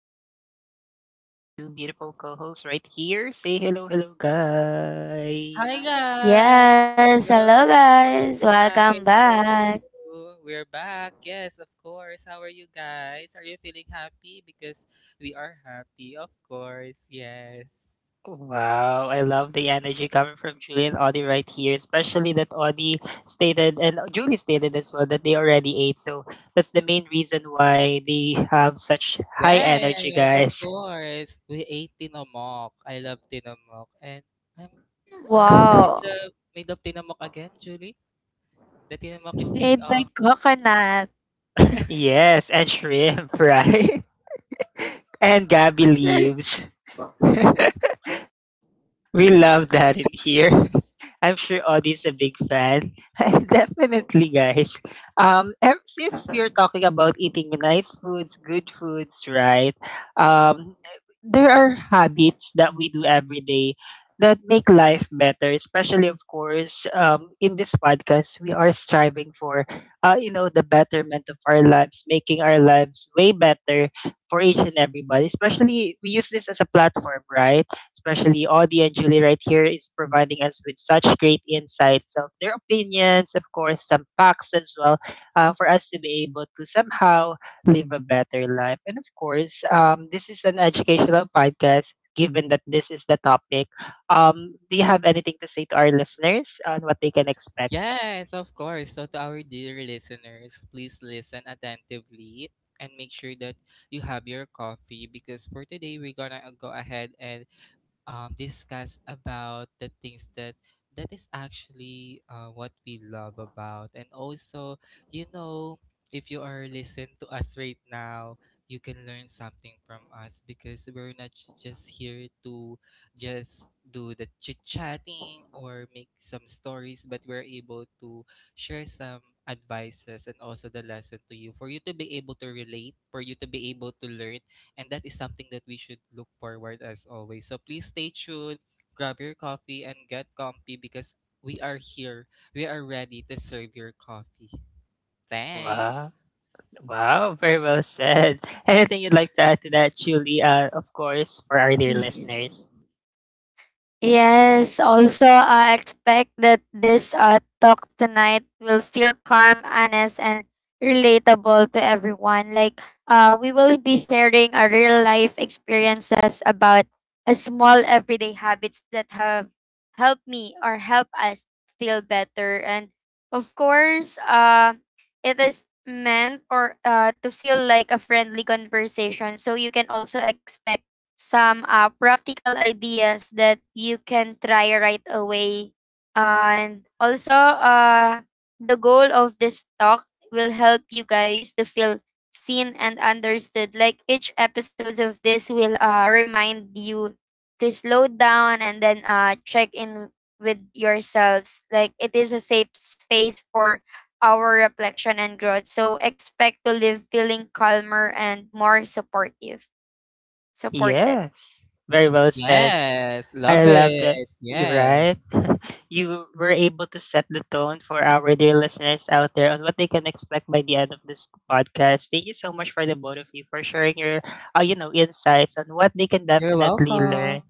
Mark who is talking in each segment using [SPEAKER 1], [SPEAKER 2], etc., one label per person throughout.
[SPEAKER 1] and as usual, I have my two beautiful co hosts right here. Say hello, hello,
[SPEAKER 2] Hi
[SPEAKER 1] guys.
[SPEAKER 2] guys.
[SPEAKER 3] Yes,
[SPEAKER 2] Hello.
[SPEAKER 3] hello
[SPEAKER 2] How are
[SPEAKER 3] guys,
[SPEAKER 2] you
[SPEAKER 3] welcome
[SPEAKER 2] guys? How are
[SPEAKER 3] back.
[SPEAKER 2] you? We're back. Yes, of course. How are you guys? Are you feeling happy? Because we are happy, of course. Yes.
[SPEAKER 1] Wow, I love the energy coming from Julie and Audie right here, especially that Audie stated and Julie stated as well that they already ate. So that's the main reason why they have such high energy,
[SPEAKER 2] Yes, of
[SPEAKER 1] guys.
[SPEAKER 2] course. We ate tinamok. I love tinamok. And I'm what is the
[SPEAKER 3] Wow,
[SPEAKER 2] made of tinamok again, Julie? The tinamok is made
[SPEAKER 3] made
[SPEAKER 2] of.
[SPEAKER 3] by coconut.
[SPEAKER 1] Yes, and shrimp, right? And Gabby leaves. We love that in here. I'm sure Audie's a big fan. Definitely, guys. Since we are talking about eating nice foods, good foods, right? Um, there are habits that we do every day that make life better. Especially, of course, in this podcast, we are striving for, you know, the betterment of our lives, making our lives way better for each and everybody. Especially, we use this as a platform, right? Especially Audie and Julie right here, is providing us with such great insights of their opinions, of course, some facts as well, for us to be able to somehow live a better life. And of course, this is an educational podcast. Given that this is the topic, do you have anything to say to our listeners on what they can expect?
[SPEAKER 2] Yes, of course. So, to our dear listeners, please listen attentively and make sure that you have your coffee because for today we're gonna go ahead and discuss about the things that that is actually what we love about and also you know if you are listening to us right now you can learn something from us because we're not just here to just do the chit chatting or make some stories but we're able to share some advices and also the lesson to you for you to be able to relate for you to be able to learn, and that is something that we should look forward as always. So please stay tuned, grab your coffee and get comfy because we are here. We are ready to serve your coffee. Thanks.
[SPEAKER 1] Wow. Wow, very well said. Anything you'd like to add to that, Julie? Of course, for our dear listeners.
[SPEAKER 3] Yes, also I expect that this talk tonight will feel calm, honest, and relatable to everyone. We will be sharing our real life experiences about a small everyday habits that have helped me or help us feel better. And of course, it is meant or to feel like a friendly conversation. So you can also expect some practical ideas that you can try right away. And also, the goal of this talk will help you guys to feel seen and understood. Like each episodes of this will remind you to slow down and then check in with yourselves. Like it is a safe space for our reflection and growth. So expect to live feeling calmer and more supported.
[SPEAKER 1] Yes, very well said.
[SPEAKER 2] Yes,
[SPEAKER 1] I
[SPEAKER 2] love
[SPEAKER 1] love that.
[SPEAKER 2] it.
[SPEAKER 1] You're right.
[SPEAKER 2] Yes.
[SPEAKER 1] You were able to set the tone for our dear listeners out there on what they can expect by the end of this podcast. Thank you so much for the both of you for sharing your, you know, insights on what they can
[SPEAKER 2] You're
[SPEAKER 1] definitely
[SPEAKER 2] welcome.
[SPEAKER 1] learn.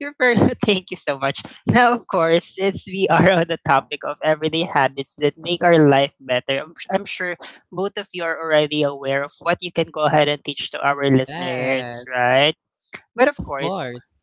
[SPEAKER 1] You're very, thank you so much. Now, of course, since we are on the topic of everyday habits that make our life better, I'm sure both of you are already aware of what you can go ahead and teach to our listeners,
[SPEAKER 2] Yes,
[SPEAKER 1] right? But of
[SPEAKER 2] of
[SPEAKER 1] course,
[SPEAKER 2] course.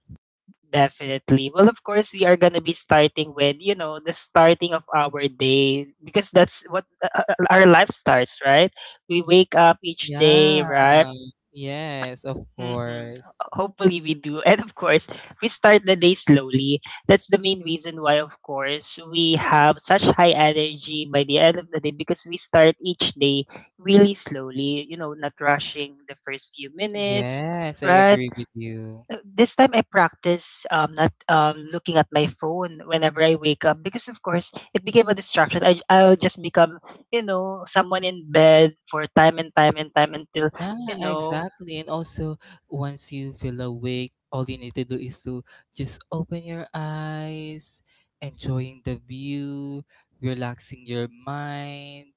[SPEAKER 1] definitely. Well, of course, we are gonna be starting with you know the starting of our day because that's what our life starts, right? We wake up each day,
[SPEAKER 2] Yeah.
[SPEAKER 1] right?
[SPEAKER 2] Yes, of
[SPEAKER 1] Mm-hmm.
[SPEAKER 2] course.
[SPEAKER 1] Hopefully, we do, and of course, we start the day slowly. That's the main reason why, of course, we have such high energy by the end of the day because we start each day really slowly. You know, not rushing the first few minutes,
[SPEAKER 2] Yes, I
[SPEAKER 1] right?
[SPEAKER 2] agree with you.
[SPEAKER 1] This time I practice not looking at my phone whenever I wake up because, of course, it became a distraction. I'll just become, you know, someone in bed for time and time and time until,
[SPEAKER 2] Yeah,
[SPEAKER 1] you know,
[SPEAKER 2] exactly. And also, once you feel awake, all you need to do is to just open your eyes, enjoying the view, relaxing your mind,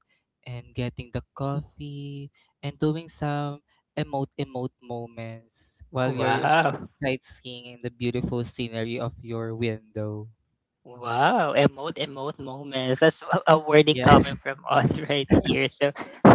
[SPEAKER 2] and getting the coffee, and doing some emote moments while you're
[SPEAKER 1] wow,
[SPEAKER 2] sightseeing in the beautiful scenery of your window.
[SPEAKER 1] wow, emote, emote moments. That's a wording
[SPEAKER 2] Yeah.
[SPEAKER 1] coming from us right here. So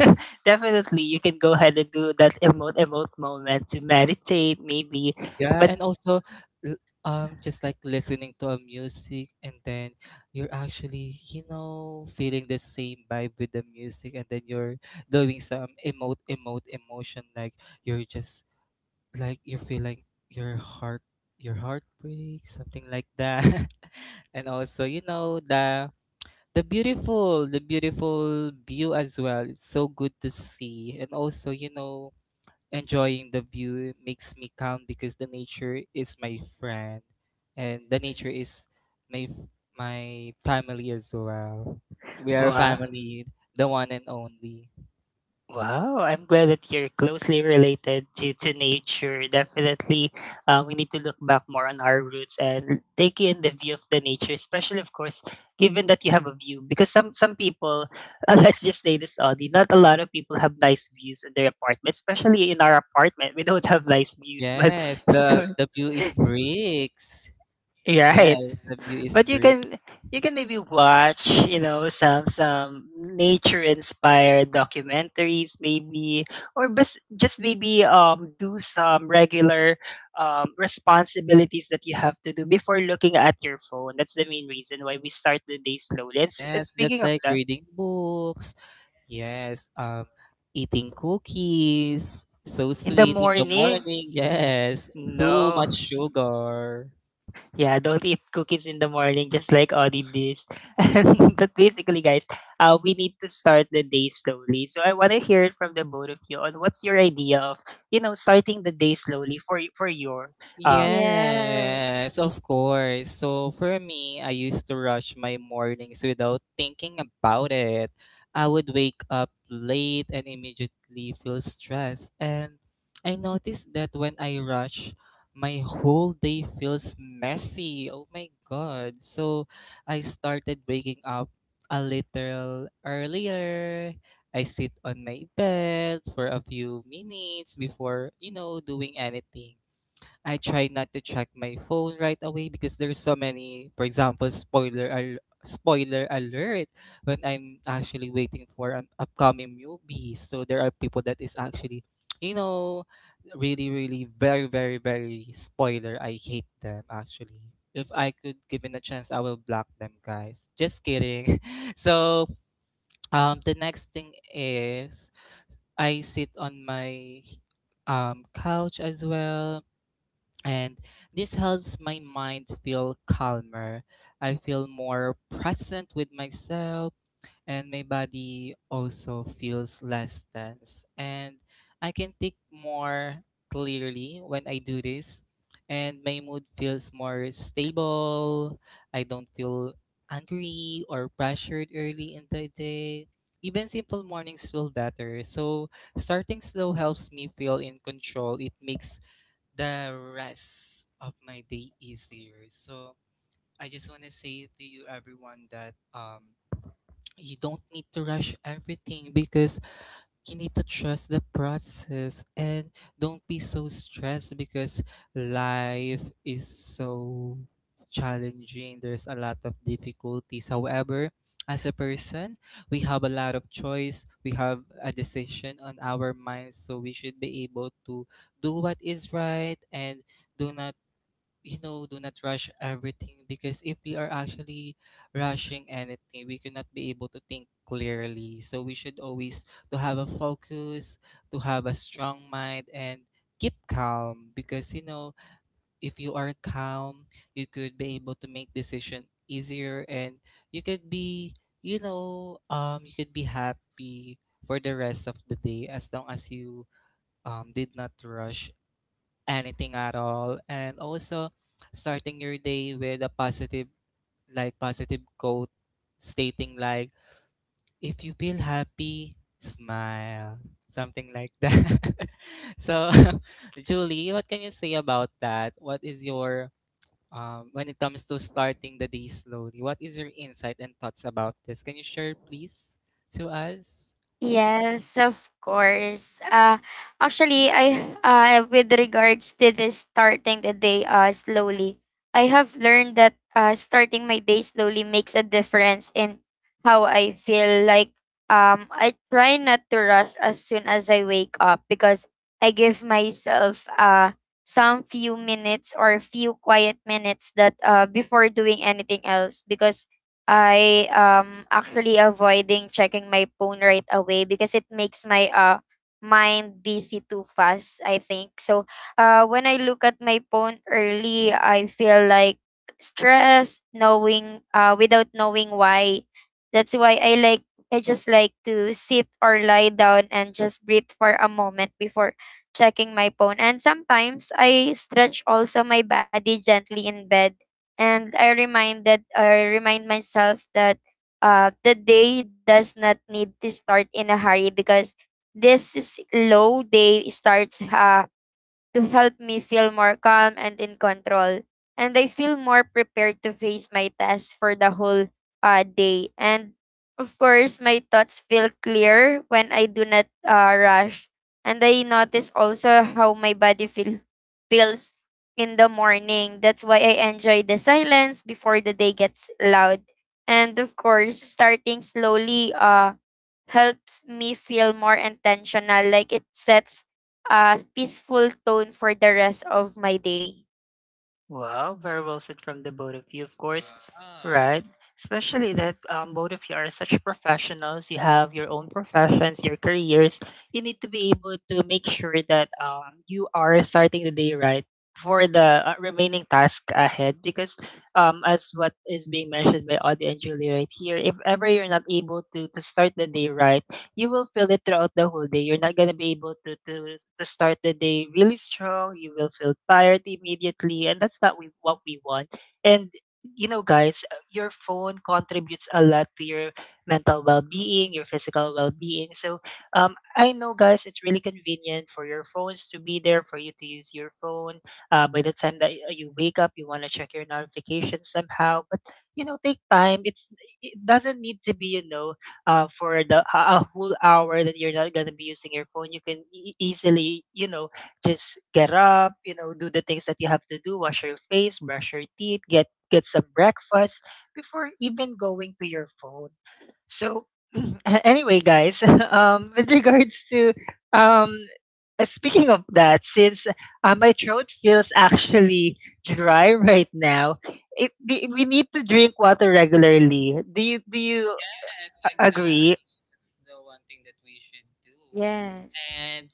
[SPEAKER 1] definitely you can go ahead and do that emote, emote moment to meditate, maybe.
[SPEAKER 2] Yeah,
[SPEAKER 1] But,
[SPEAKER 2] and also l- just like listening to a music, and then you're actually, you know, feeling the same vibe with the music, and then you're doing some emote emotion, like you're just like you're feeling your heart, your heartbreak, something like that. And also, you know, the beautiful, the beautiful view as well. It's so good to see. And also, you know, enjoying the view makes me calm because the nature is my friend, and the nature is my f- my family as well. We are
[SPEAKER 1] wow.
[SPEAKER 2] family, the one and only.
[SPEAKER 1] Wow, I'm glad that you're closely related to nature. Definitely, we need to look back more on our roots and take in the view of the nature, especially, of course, given that you have a view. Because some people, let's just say this, Audie, not a lot of people have nice views in their apartment, especially in our apartment. We don't have nice views, but
[SPEAKER 2] Yes,
[SPEAKER 1] of
[SPEAKER 2] the
[SPEAKER 1] course.
[SPEAKER 2] the view is bricks.
[SPEAKER 1] You're
[SPEAKER 2] Yes,
[SPEAKER 1] right.
[SPEAKER 2] the view is
[SPEAKER 1] But
[SPEAKER 2] bricks.
[SPEAKER 1] you can maybe watch, you know, some nature inspired documentaries maybe or just maybe do some regular responsibilities that you have to do before looking at your phone. That's the main reason why we start the day slowly. And
[SPEAKER 2] Yes, just
[SPEAKER 1] speaking of
[SPEAKER 2] like
[SPEAKER 1] that,
[SPEAKER 2] reading books. yes um Eating cookies, so
[SPEAKER 1] in the
[SPEAKER 2] sweet in the
[SPEAKER 1] morning,
[SPEAKER 2] morning. Yes, too much
[SPEAKER 1] no.
[SPEAKER 2] sugar.
[SPEAKER 1] Yeah, don't eat cookies in the morning, just like Audie this. And but basically, guys, we need to start the day slowly. So I want to hear it from the both of you on what's your idea of you know starting the day slowly for for your um
[SPEAKER 3] Yes.
[SPEAKER 2] Yes, of course. So for me, I used to rush my mornings without thinking about it. I would wake up late and immediately feel stressed. And I noticed that when I rush, my whole day feels messy. Oh my God. So I started waking up a little earlier. I sit on my bed for a few minutes before, you know, doing anything. I try not to check my phone right away because there's so many, for example, spoiler alert when I'm actually waiting for an upcoming movie. So there are people that is actually, you know, really, really very, very, very spoiler. I hate them actually. If I could given a chance, I will block them, guys. Just kidding. So the next thing is I sit on my couch as well, and this helps my mind feel calmer. I feel more present with myself, and my body also feels less tense. And I can think more clearly when I do this, and my mood feels more stable. I don't feel angry or pressured early in the day. Even simple mornings feel better. So, starting slow helps me feel in control. It makes the rest of my day easier. So I just want to say to you everyone that you don't need to rush everything because you need to trust the process and don't be so stressed because life is so challenging. There's a lot of difficulties. However, as a person, we have a lot of choice. We have a decision on our minds, so we should be able to do what is right and do not, you know, do not rush everything, because if we are actually rushing anything, we cannot be able to think clearly. So we should always to have a focus, to have a strong mind, and keep calm because, you know, if you are calm, you could be able to make decision easier and you could be, you know, you could be happy for the rest of the day as long as you did not rush anything at all. And also starting your day with a positive, like positive quote stating like if you feel happy, smile. Something like that. So Julie, what can you say about that? What is your when it comes to starting the day slowly, what is your insight and thoughts about this? Can you share, please, to us?
[SPEAKER 3] Yes, of course. Actually, I with regards to this starting the day slowly, I have learned that starting my day slowly makes a difference in how I feel. I try not to rush as soon as I wake up because I give myself some few minutes or few quiet minutes that before doing anything else because I actually avoiding checking my phone right away because it makes my mind busy too fast, I think. So when I look at my phone early, I feel like stressed knowing without knowing why. That's why I just like to sit or lie down and just breathe for a moment before checking my phone. And sometimes I stretch also my body gently in bed and I remind myself that the day does not need to start in a hurry because this slow day starts to help me feel more calm and in control. And I feel more prepared to face my tasks for the whole day. And of course, my thoughts feel clear when I do not rush. And I notice also how my feels in the morning. That's why I enjoy the silence before the day gets loud. And of course, starting slowly helps me feel more intentional. Like it sets a peaceful tone for the rest of my day.
[SPEAKER 1] wow, very well said from the both of you, of course.
[SPEAKER 2] Wow.
[SPEAKER 1] Right? Especially that both of you are such professionals. You have your own professions, your careers. You need to be able to make sure that you are starting the day right for the remaining task ahead. Because as what is being mentioned by Audie and Julie right here, if ever you're not able to start the day right, you will feel it throughout the whole day. You're not gonna be able to start the day really strong. You will feel tired immediately, and that's not what we want. And you know, guys, your phone contributes a lot to your mental well-being, your physical well-being. So, I know, guys, it's really convenient for your phones to be there for you to use your phone. By the time that you wake up, you want to check your notifications somehow, but you know, take time. It doesn't need to be, you know, for the a whole hour that you're not gonna be using your phone, you can easily, you know, just get up, you know, do the things that you have to do, wash your face, brush your teeth, get some breakfast before even going to your phone. So anyway, guys, with regards to um, speaking of that, since my throat feels actually dry right now, we need to drink water regularly. Do you
[SPEAKER 2] Yes,
[SPEAKER 1] agree?
[SPEAKER 2] exactly. That's the one thing that we should do.
[SPEAKER 3] Yes.
[SPEAKER 2] And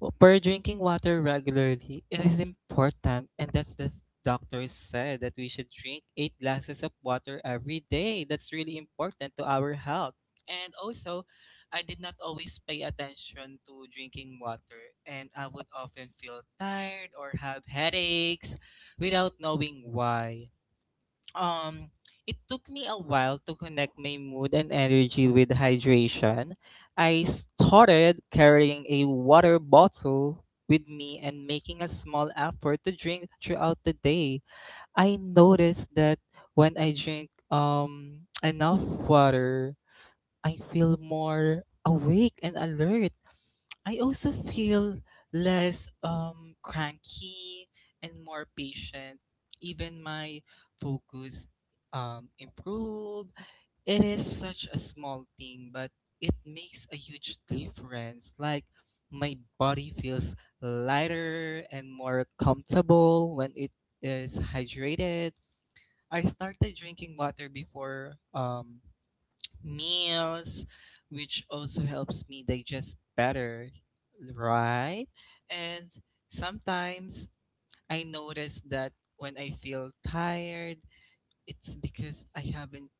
[SPEAKER 2] per drinking water regularly, it is important, and that's the doctor said that we should drink 8 glasses of water every day. That's really important to our health. And also, I did not always pay attention to drinking water, and I would often feel tired or have headaches without knowing why. um it took me a while to connect my mood and energy with hydration. I started carrying a water bottle with me and making a small effort to drink throughout the day. I noticed that when I drink enough water, I feel more awake and alert. I also feel less cranky and more patient. Even my focus improved. It is such a small thing, but it makes a huge difference. Like, my body feels lighter and more comfortable when it is hydrated. I started drinking water before meals, which also helps me digest better, right? And sometimes I notice that when I feel tired, it's because I haven't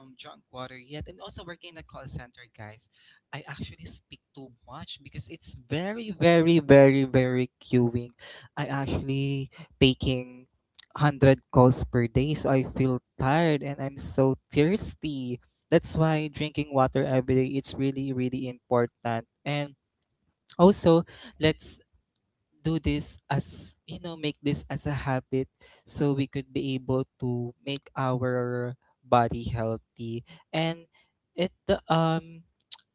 [SPEAKER 2] drunk water yet. And also working in a call center, guys, I actually speak too much because it's very, very, very, very queuing. I actually taking 100 calls per day, so I feel tired and I'm so thirsty. That's why drinking water every day it's really, really important. And also, let's do this as, you know, make this as a habit so we could be able to make our body healthy, and it, um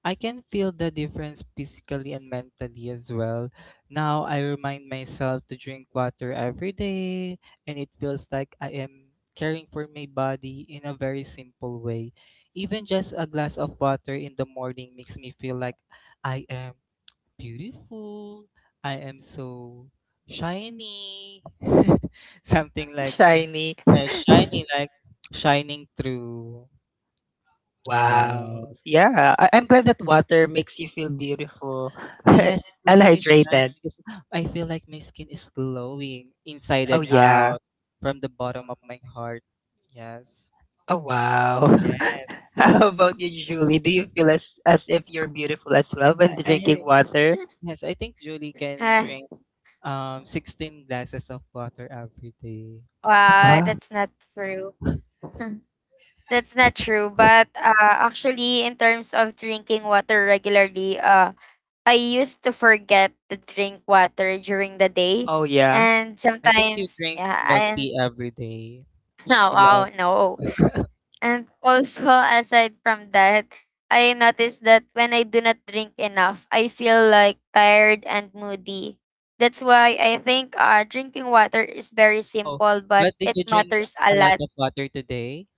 [SPEAKER 2] I can feel the difference physically and mentally as well. Now I remind myself to drink water every day, and it feels like I am caring for my body in a very simple way. Even just a glass of water in the morning makes me feel like I am beautiful. I am so shiny. Something
[SPEAKER 1] Why
[SPEAKER 2] like that.
[SPEAKER 1] shiny?
[SPEAKER 2] Shiny, like shining through. Yeah.
[SPEAKER 1] Wow. Yeah, I'm glad that water makes you feel beautiful
[SPEAKER 2] Yes, it
[SPEAKER 1] and
[SPEAKER 2] makes me shine
[SPEAKER 1] hydrated.
[SPEAKER 2] because I feel like my skin is glowing inside
[SPEAKER 1] Oh,
[SPEAKER 2] and
[SPEAKER 1] yeah.
[SPEAKER 2] out from the bottom of my heart. Yes.
[SPEAKER 1] Oh, wow.
[SPEAKER 2] Yes.
[SPEAKER 1] How about you, Julie? Do you feel as if you're beautiful as well when drinking
[SPEAKER 2] I
[SPEAKER 1] water?
[SPEAKER 2] yes, I think Julie can
[SPEAKER 3] Ah,
[SPEAKER 2] drink 16 glasses of water every day.
[SPEAKER 1] Oh,
[SPEAKER 3] wow,
[SPEAKER 1] wow.
[SPEAKER 3] that's not true. That's not true. But Actually, in terms of drinking water regularly, I used to forget to drink water during the day,
[SPEAKER 1] Oh, yeah.
[SPEAKER 3] and
[SPEAKER 2] I think you
[SPEAKER 3] sometimes,
[SPEAKER 2] drink
[SPEAKER 3] yeah,
[SPEAKER 2] milk
[SPEAKER 3] and
[SPEAKER 2] tea every day.
[SPEAKER 3] no,
[SPEAKER 2] You
[SPEAKER 3] wow,
[SPEAKER 2] love
[SPEAKER 3] no. And also, aside from that, I noticed that when I do not drink enough, I feel like tired and moody. That's why I think drinking water is very
[SPEAKER 2] Oh,
[SPEAKER 3] simple, but
[SPEAKER 2] but did
[SPEAKER 3] it
[SPEAKER 2] you drink
[SPEAKER 3] matters a
[SPEAKER 2] a lot
[SPEAKER 3] lot.
[SPEAKER 2] of water today?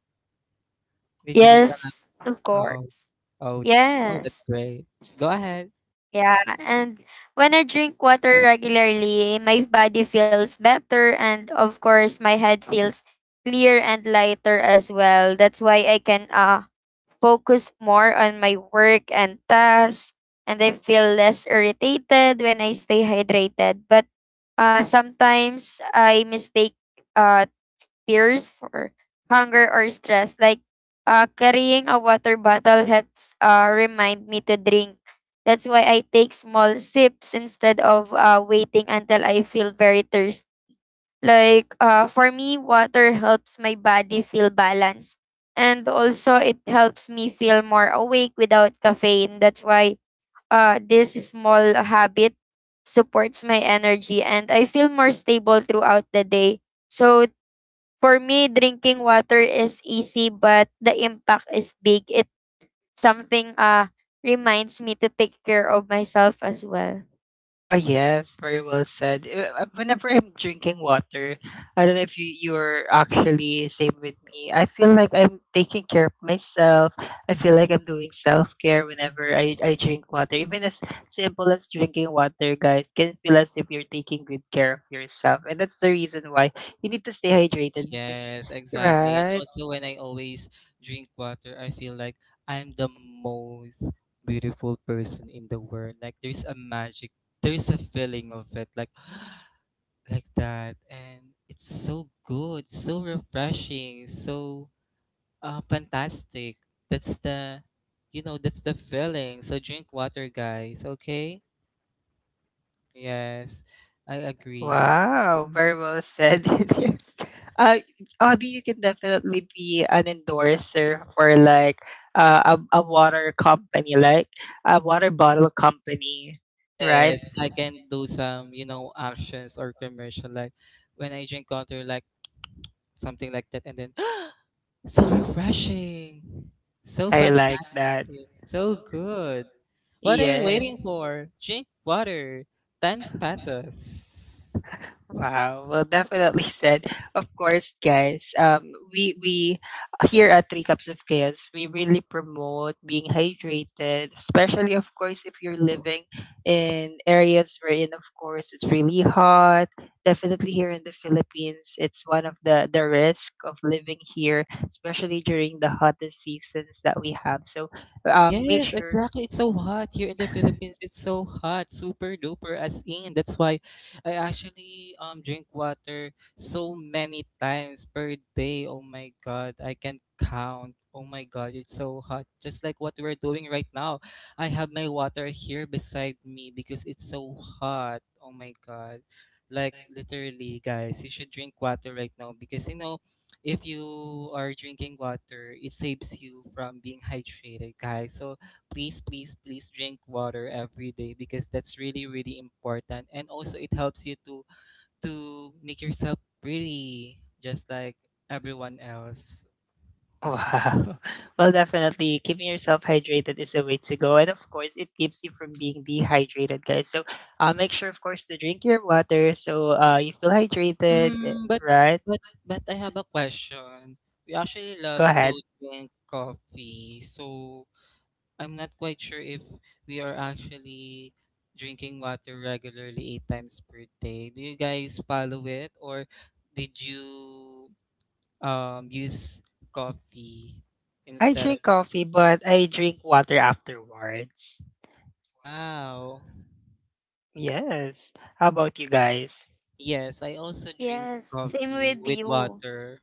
[SPEAKER 2] Did you drink a lot?
[SPEAKER 3] Yes, of
[SPEAKER 2] Oh,
[SPEAKER 3] course.
[SPEAKER 2] oh, oh, that's
[SPEAKER 3] Yes.
[SPEAKER 2] great. Go
[SPEAKER 3] S-
[SPEAKER 2] ahead.
[SPEAKER 3] Yeah. And when I drink water regularly, my body feels better, and of course, my head feels clear and lighter as well. That's why I can focus more on my work and tasks, and I feel less irritated when I stay hydrated. But Sometimes I mistake uh, tears for hunger or stress. Carrying a water bottle helps remind me to drink. That's why I take small sips instead of waiting until I feel very thirsty for me, water helps my body feel balanced. And also, it helps me feel more awake without caffeine. That's why this small habit supports my energy and I feel more stable throughout the day. So, for me, drinking water is easy, but the impact is big. It something reminds me to take care of myself as well.
[SPEAKER 1] Oh yes, very well said. Whenever I'm drinking water, I don't know if you you're actually same with me. I feel like I'm taking care of myself. I feel like I'm doing self care whenever I drink water. Even as simple as drinking water, guys, can feel as if you're taking good care of yourself. And that's the reason why you need to stay hydrated because
[SPEAKER 2] Yes, exactly. And
[SPEAKER 1] right.
[SPEAKER 2] also, when I always drink water, I feel like I'm the most beautiful person in the world. Like there's a magic, there's a feeling of it, like like that, and it's so good, so refreshing, so fantastic. That's the, you know, that's the feeling. So drink water, guys. Okay. Yes, I agree.
[SPEAKER 1] Wow, very well said. Yes. Uh, Audie, you can definitely be an endorser for like a water company, like a water bottle company, right?
[SPEAKER 2] Yes, I can do some, you know, actions or commercial like when I drink water, like something like that, and then So refreshing. So
[SPEAKER 1] I like
[SPEAKER 2] fantastic.
[SPEAKER 1] that.
[SPEAKER 2] So good. What are you
[SPEAKER 1] Yeah.
[SPEAKER 2] waiting for? Drink water. 10 pesos.
[SPEAKER 1] Wow. Well, definitely said. Of course, guys. We here at Three Cups of Chaos, we really promote being hydrated, especially of course if you're living in areas wherein, of course, it's really hot. Definitely here in the Philippines, it's one of the risk of living here, especially during the hottest seasons that we have. So, make
[SPEAKER 2] Yes,
[SPEAKER 1] sure.
[SPEAKER 2] exactly. It's so hot here in the Philippines. It's so hot, super duper as in. That's why I actually drink water so many times per day. Oh my God, I can count. Oh my God, it's so hot. Just like what we're doing right now. I have my water here beside me because it's so hot. Oh my God. Like literally, guys, you should drink water right now because, you know, if you are drinking water, it saves you from being hydrated, guys. So please, please, please drink water every day because that's really, really important. And also, it helps you to make yourself pretty, just like everyone else.
[SPEAKER 1] Wow. Well, definitely keeping yourself hydrated is the way to go. And of course, it keeps you from being dehydrated, guys. So make sure, of course, to drink your water so you feel hydrated, eh,
[SPEAKER 2] Mm,
[SPEAKER 1] right?
[SPEAKER 2] but I have a question. We actually
[SPEAKER 1] Go
[SPEAKER 2] love to
[SPEAKER 1] ahead.
[SPEAKER 2] drink coffee, so I'm not quite sure if we are actually drinking water regularly 8 times per day. Do you guys follow it or did you use coffee
[SPEAKER 1] I
[SPEAKER 2] instead of
[SPEAKER 1] drink coffee, but I drink water afterwards.
[SPEAKER 2] wow.
[SPEAKER 1] Yes. How about you guys?
[SPEAKER 2] Yes, I also drink
[SPEAKER 3] Yes, same
[SPEAKER 2] coffee
[SPEAKER 3] with
[SPEAKER 2] with
[SPEAKER 3] you.
[SPEAKER 2] water.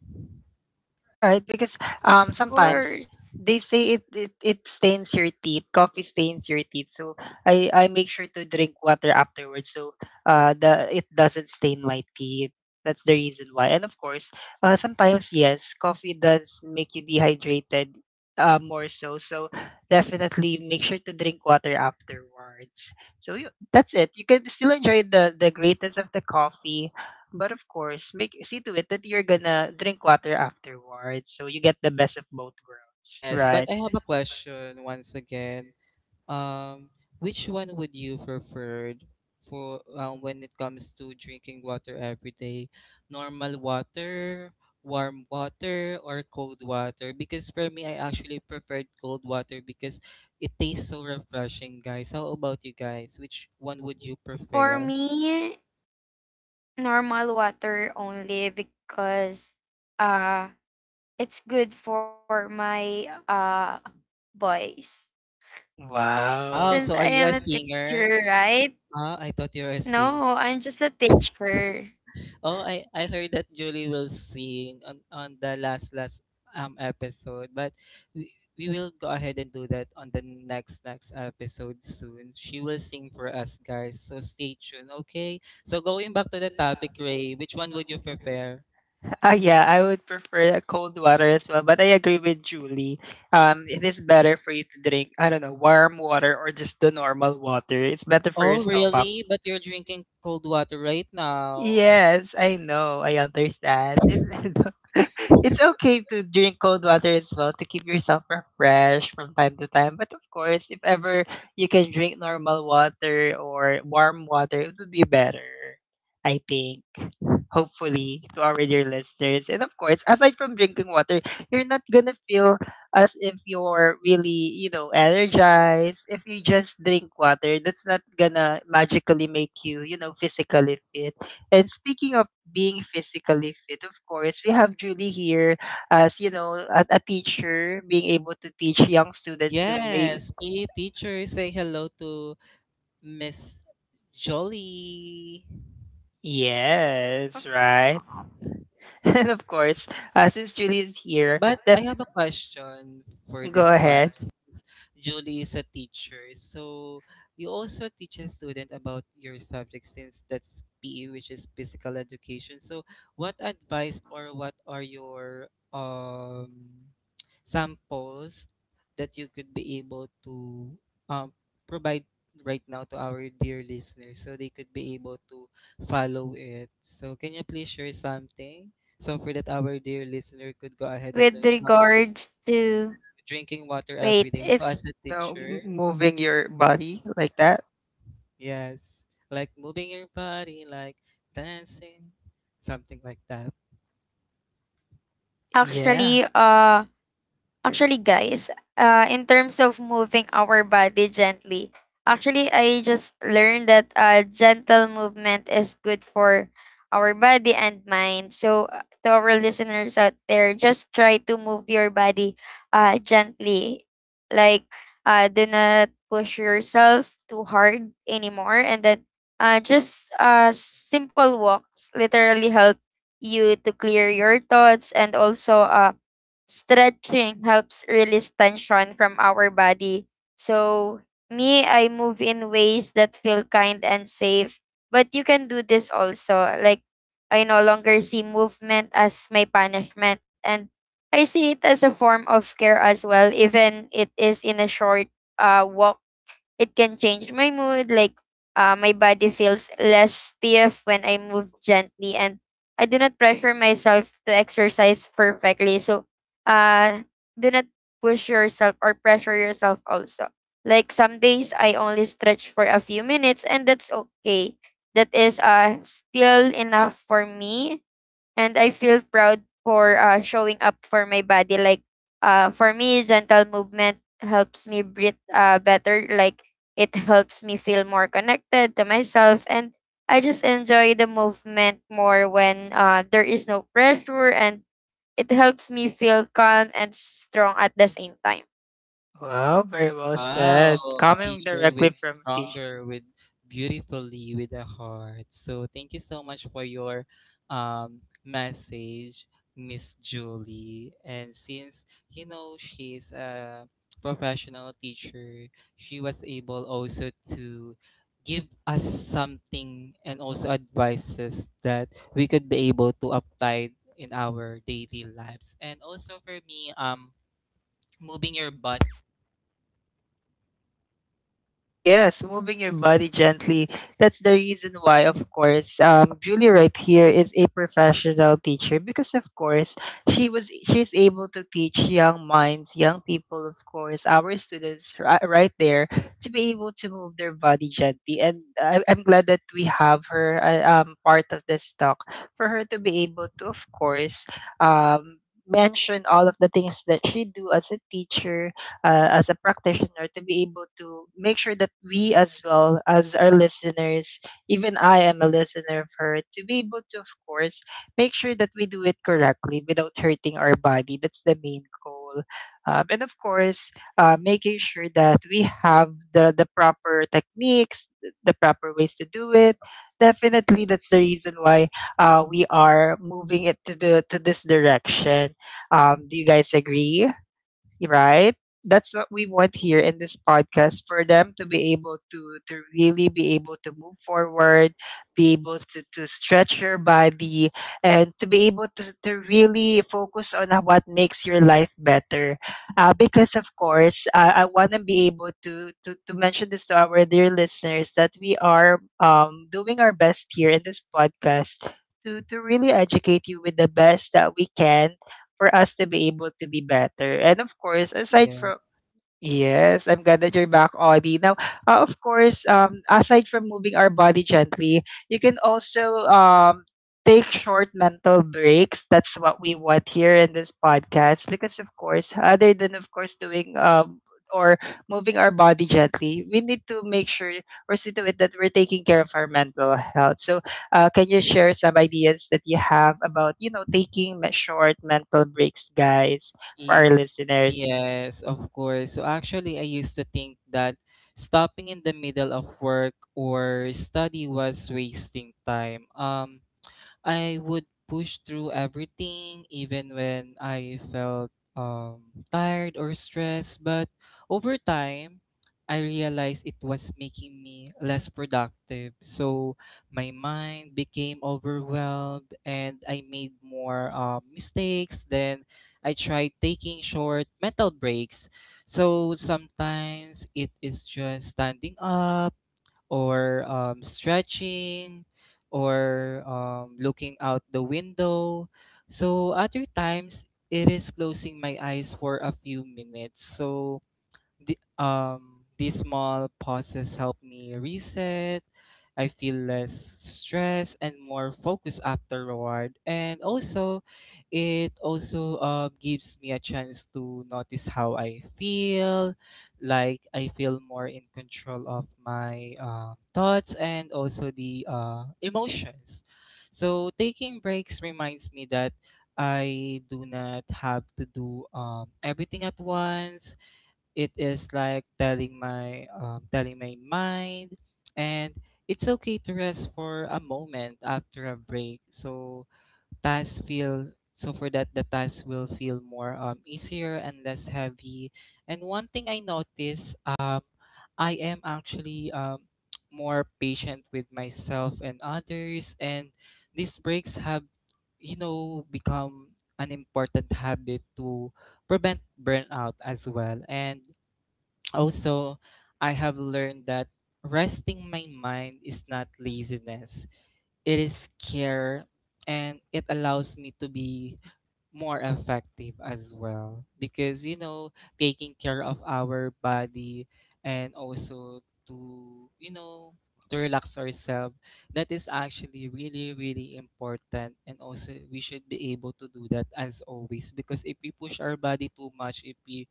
[SPEAKER 1] Right, because
[SPEAKER 3] Of
[SPEAKER 1] sometimes
[SPEAKER 3] course.
[SPEAKER 1] they say it, it stains your teeth, coffee stains your teeth. So I make sure to drink water afterwards so the it doesn't stain my teeth. That's the reason why. And of course, sometimes yes, coffee does make you dehydrated more so. So definitely make sure to drink water afterwards. So you, that's it. You can still enjoy the greatness of the coffee but of course, make see to it that you're gonna drink water afterwards, so you get the best of both worlds.
[SPEAKER 2] Yes, but I have a question once again. Um, which one would you prefer for when it comes to drinking water every day? Normal water, warm water, or cold water? Because for me, I actually preferred cold water because it tastes so refreshing, guys. How about you guys? Which one would you
[SPEAKER 3] For
[SPEAKER 2] prefer?
[SPEAKER 3] me, normal water only because uh it's good for my boys. Since I
[SPEAKER 2] Wow,
[SPEAKER 1] Wow.
[SPEAKER 2] so
[SPEAKER 3] am
[SPEAKER 2] are
[SPEAKER 3] a
[SPEAKER 2] you a
[SPEAKER 3] teacher,
[SPEAKER 2] singer?
[SPEAKER 3] right?
[SPEAKER 2] Ah, I thought you were a
[SPEAKER 3] No,
[SPEAKER 2] singer.
[SPEAKER 3] I'm just a teacher.
[SPEAKER 2] Oh, I heard that Julie will sing on the last episode, but we, we will go ahead and do that on the next episode soon. She will sing for us guys, so stay tuned, okay? So going back to the topic, Ray, which one would you prefer?
[SPEAKER 1] Ah, yeah, I would prefer a cold water as well, but I agree with Julie. It is better for you to drink, I don't know, warm water or just the normal water. It's better for your
[SPEAKER 2] Oh,
[SPEAKER 1] stomach.
[SPEAKER 2] really? But you're drinking cold water right now.
[SPEAKER 1] Yes, I know. I understand. It's okay to drink cold water as well to keep yourself refreshed from time to time. But of course, if ever you can drink normal water or warm water, it would be better. I think. Hopefully, to our dear listeners. And of course, aside from drinking water, you're not gonna feel as if you're really, you know, energized. If you just drink water, that's not gonna magically make you, you know, physically fit. And speaking of being physically fit, of course, we have Julie here as, you know, a teacher being able to teach young students to make
[SPEAKER 2] Yes, PE teacher, say hello to Miss Jolie.
[SPEAKER 1] yes, right. And of course, since Julie is here,
[SPEAKER 2] But I have a question for
[SPEAKER 1] go
[SPEAKER 2] this one.
[SPEAKER 1] ahead.
[SPEAKER 2] Since Julie is a teacher, so you also teach a student about your subject since that's PE, which is physical education. So, what advice or what are your samples that you could be able to um provide right now to our dear listeners so they could be able to follow it? So, can you please share something? So for that our dear listener could go ahead and
[SPEAKER 3] With
[SPEAKER 2] learn something.
[SPEAKER 3] regards to
[SPEAKER 2] Drinking water
[SPEAKER 3] wait,
[SPEAKER 2] every day. So
[SPEAKER 3] it's
[SPEAKER 2] as a
[SPEAKER 1] No,
[SPEAKER 2] teacher,
[SPEAKER 1] moving your body like that.
[SPEAKER 2] yes, like moving your body, like dancing, something like that.
[SPEAKER 1] Yeah.
[SPEAKER 3] actually uh actually, guys, in terms of moving our body gently, actually, I just learned that gentle movement is good for our body and mind. So, to our listeners out there, just try to move your body gently. Like, do not push yourself too hard anymore. And then, just simple walks literally help you to clear your thoughts and also stretching helps release tension from our body. So, me, I move in ways that feel kind and safe. But you can do this also. Like, I no longer see movement as my punishment. And I see it as a form of care as well, even it is in a short walk. It can change my mood, my body feels less stiff when I move gently, and I do not pressure myself to exercise perfectly. So, uh, do not push yourself or pressure yourself also. Like some days I only stretch for a few minutes, and that's okay. That is still enough for me and I feel proud for showing up for my body. For me, gentle movement helps me breathe better. Like, it helps me feel more connected to myself, and I just enjoy the movement more when there is no pressure, and it helps me feel calm and strong at the same time.
[SPEAKER 1] Wow, very well
[SPEAKER 2] Wow,
[SPEAKER 1] said.
[SPEAKER 2] a
[SPEAKER 1] Coming
[SPEAKER 2] teacher
[SPEAKER 1] directly
[SPEAKER 2] with
[SPEAKER 1] from a teacher.
[SPEAKER 2] stronger, with beautifully, with a heart. So thank you so much for your message, Miss Julie. And since you know she's a professional teacher, she was able also to give us something and also advices that we could be able to apply in our daily lives. And also for me, moving your body.
[SPEAKER 1] Yes, moving your body gently. That's the reason why, of course, Julie right here is a professional teacher because, of course, she's able to teach young minds, young people, of course, our students right there to be able to move their body gently. And I'm glad that we have her part of this talk for her to be able to, of course, um, mention all of the things that she do as a teacher as a practitioner to be able to make sure that we, as well as our listeners, even I am a listener of her, to be able to, of course, make sure that we do it correctly without hurting our body. That's the main goal. And of course, making sure that we have the proper techniques, the proper ways to do it. Definitely, that's the reason why we are moving it to the to this direction. Do you guys agree, right? That's what we want here in this podcast, for them to be able to really be able to move forward, be able to, stretch your body, and to be able to, really focus on what makes your life better. Because of course, I want to be able to, to mention this to our dear listeners that we are doing our best here in this podcast to really educate you with the best that we can, for us to be able to be better. And of course, aside
[SPEAKER 2] Yeah.
[SPEAKER 1] from— Yes, I'm glad that you're back, Audie. Now, of course, aside from moving our body gently, you can also take short mental breaks. That's what we want here in this podcast, because of course, other than of course doing or moving our body gently, we need to make sure or see to it that we're taking care of our mental health. So, can you share some ideas that you have about taking short mental breaks, guys, for
[SPEAKER 2] Y-
[SPEAKER 1] our listeners?
[SPEAKER 2] Yes, of course. So actually, I used to think that stopping in the middle of work or study was wasting time. I would push through everything, even when I felt um, tired or stressed. But over time, I realized it was making me less productive. So my mind became overwhelmed and I made more mistakes. Then I tried taking short mental breaks. So sometimes it is just standing up or stretching or looking out the window. So other times it is closing my eyes for a few minutes. So these small pauses help me reset. I feel less stress and more focused afterward. And also, it also gives me a chance to notice how I feel. Like I feel more in control of my thoughts and also the emotions. So taking breaks reminds me that I do not have to do everything at once. It is like telling my mind, and it's okay to rest for a moment. After a break, so tasks feel so for that the task will feel more easier and less heavy. And one thing I am actually more patient with myself and others, and these breaks have, you know, become an important habit to prevent burnout as well. And also, I have learned that resting my mind is not laziness, it is care, and it allows me to be more effective as well. Because, you know, taking care of our body and also to, you know, to relax ourselves, that is actually really, really important. And also, we should be able to do that as always. Because if we push our body too much, if we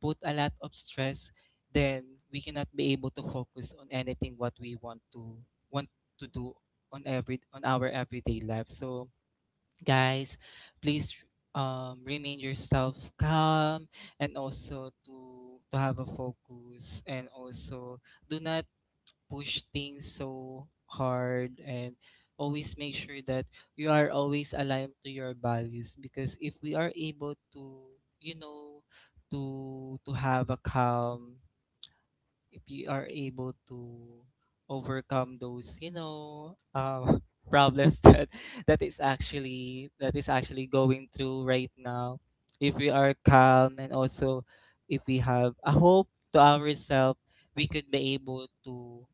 [SPEAKER 2] put a lot of stress, then we cannot be able to focus on anything what we want to do on every on our everyday life. So guys, please remain yourself calm and also to have a focus and also do not push things so hard and always make sure that you are always aligned to your values. Because if we are able to, you know, to have a calm, if we are able to overcome those, you know, problems that that is actually going through right now, if we are calm and also if we have a hope to ourselves, we could be able to.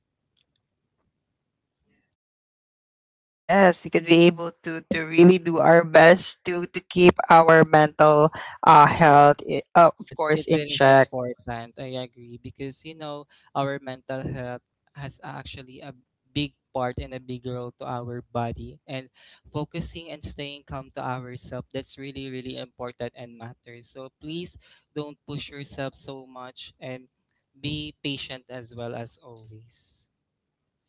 [SPEAKER 1] Yes, we could be able to really do our best to keep our mental health, of
[SPEAKER 2] Yes,
[SPEAKER 1] course,
[SPEAKER 2] it's,
[SPEAKER 1] in
[SPEAKER 2] it's
[SPEAKER 1] check.
[SPEAKER 2] important. I agree because you know our mental health has actually a big part and a big role to our body, and focusing and staying calm to ourselves, that's really really important and matters. So please don't push yourself so much and be patient as well as always.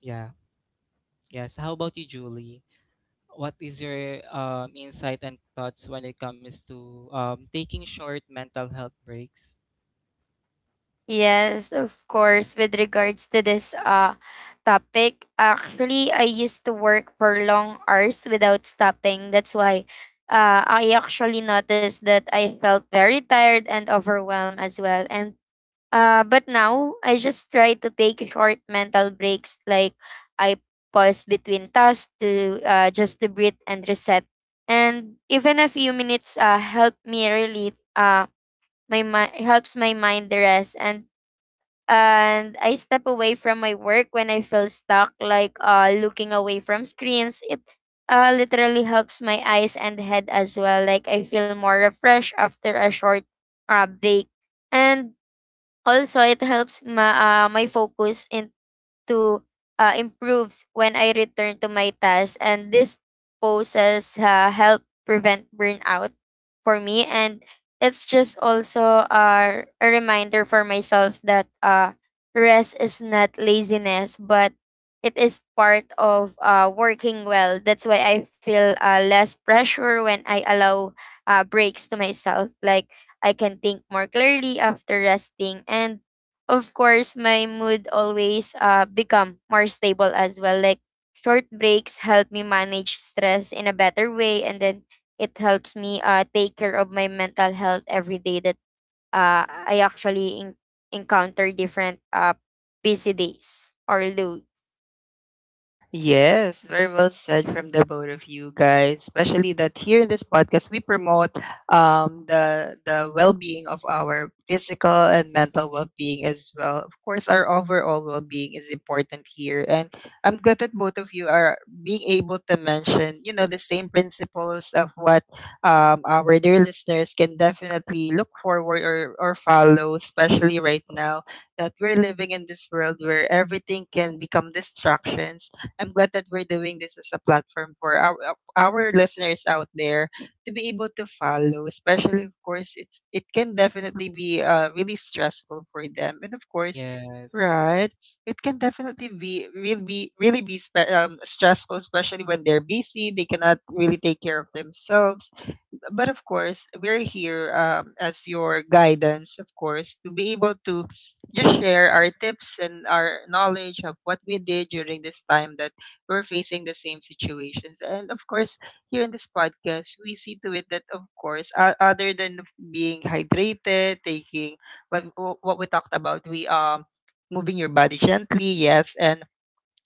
[SPEAKER 2] Yeah. Yes. How about you, Julie? What is your insight and thoughts when it comes to taking short mental health breaks?
[SPEAKER 3] Yes, of course. With regards to this topic, actually I used to work for long hours without stopping. That's why I actually noticed that I felt very tired and overwhelmed as well. And but now I just try to take short mental breaks like I pause between tasks to just to breathe and reset. And even a few minutes help me really my mind to rest and I step away from my work when I feel stuck, looking away from screens. It literally helps my eyes and head as well. Like I feel more refreshed after a short break, and also it helps my focus in to improves when I return to my task, and this poses help prevent burnout for me. And it's just also a reminder for myself that rest is not laziness, but it is part of working well. That's why I feel less pressure when I allow breaks to myself. Like I can think more clearly after resting, and of course, my mood always become more stable as well. Like short breaks help me manage stress in a better way, and then it helps me take care of my mental health every day that uh, I actually in- encounter different busy days or low.
[SPEAKER 1] Yes, very well said from the both of you guys. Especially that here in this podcast we promote the well being of our physical and mental well being as well. Of course, our overall well being is important here, and I'm glad that both of you are being able to mention the same principles of what our dear listeners can definitely look forward or follow, especially right now that we're living in this world where everything can become distractions. I'm glad that we're doing this as a platform for our listeners out there to be able to follow. Especially, of course, it can definitely be really stressful for them, and of course,
[SPEAKER 2] Yes.
[SPEAKER 1] right, it can definitely be stressful, especially when they're busy. They cannot really take care of themselves, but of course, we're here as your guidance, of course, to be able to just share our tips and our knowledge of what we did during this time that we're facing the same situations. And of course, here in this podcast, we see to it that, of course, other than being hydrated, taking what, what we talked about, we moving your body gently, yes, and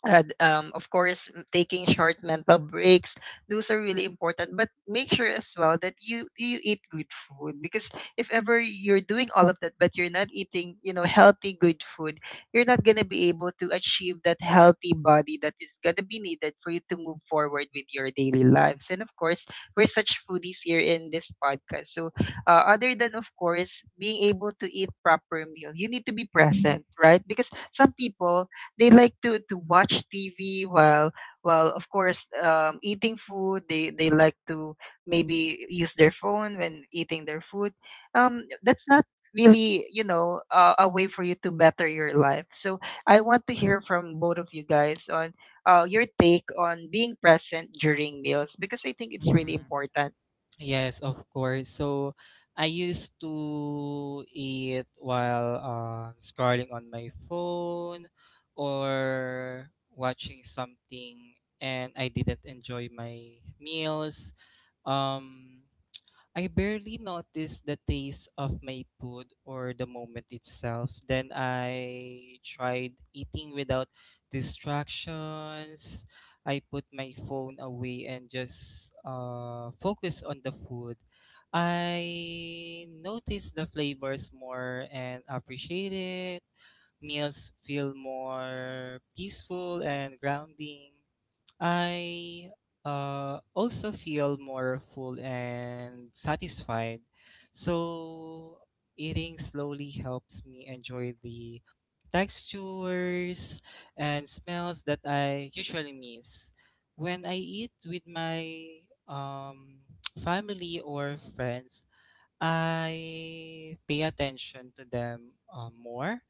[SPEAKER 1] of course taking short mental breaks, those are really important. But make sure as well that you eat good food, because if ever you're doing all of that but you're not eating, you know, healthy good food, you're not going to be able to achieve that healthy body that is going to be needed for you to move forward with your daily lives. And of course, we're such foodies here in this podcast. So other than of course being able to eat proper meal, you need to be present, right? Because some people, they like to watch TV while of course eating food. They like to maybe use their phone when eating their food. That's not really, you know, a way for you to better your life. So I want to hear from both of you guys on your take on being present during meals, because I think it's really
[SPEAKER 2] Mhm.
[SPEAKER 1] important.
[SPEAKER 2] Yes, of course. So I used to eat while scrolling on my phone or watching something, and I didn't enjoy my meals. Um I barely notice the taste of my food or the moment itself. Then I tried eating without distractions. I put my phone away and just focus on the food. I notice the flavors more and appreciate it. Meals feel more peaceful and grounding. I also feel more full and satisfied. So, eating slowly helps me enjoy the textures and smells that I usually miss. When I eat with my um, family or friends, I pay attention to them, more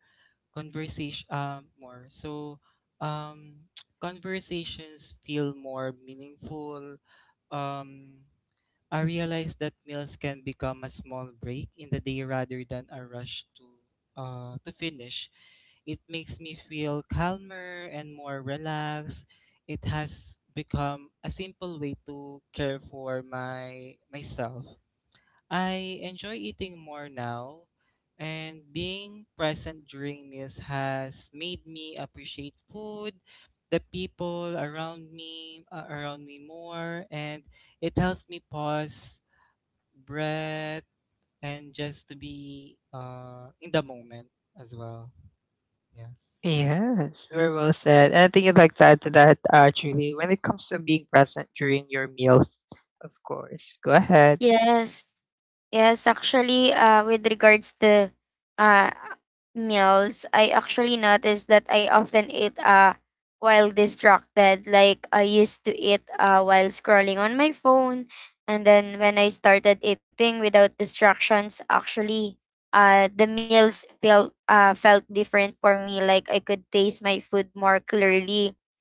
[SPEAKER 2] conversation more so um conversations feel more meaningful. um I realize that meals can become a small break in the day rather than a rush to finish. It makes me feel calmer and more relaxed. It has become a simple way to care for my myself. I enjoy eating more now, and being present during meals has made me appreciate food, the people around me more, and it helps me pause, breath, and just to be in the moment as well. Yes.
[SPEAKER 1] Yes, very well said. Anything you'd like to add to that, actually, when it comes to being present during your meals, of course. Go ahead.
[SPEAKER 3] Yes. Yes, actually, with regards to uh, meals, I actually noticed that I often eat while distracted. Like, I used to eat while scrolling on my phone. And then when I started eating without distractions, actually, the meals felt different for me. Like, I could taste my food more clearly.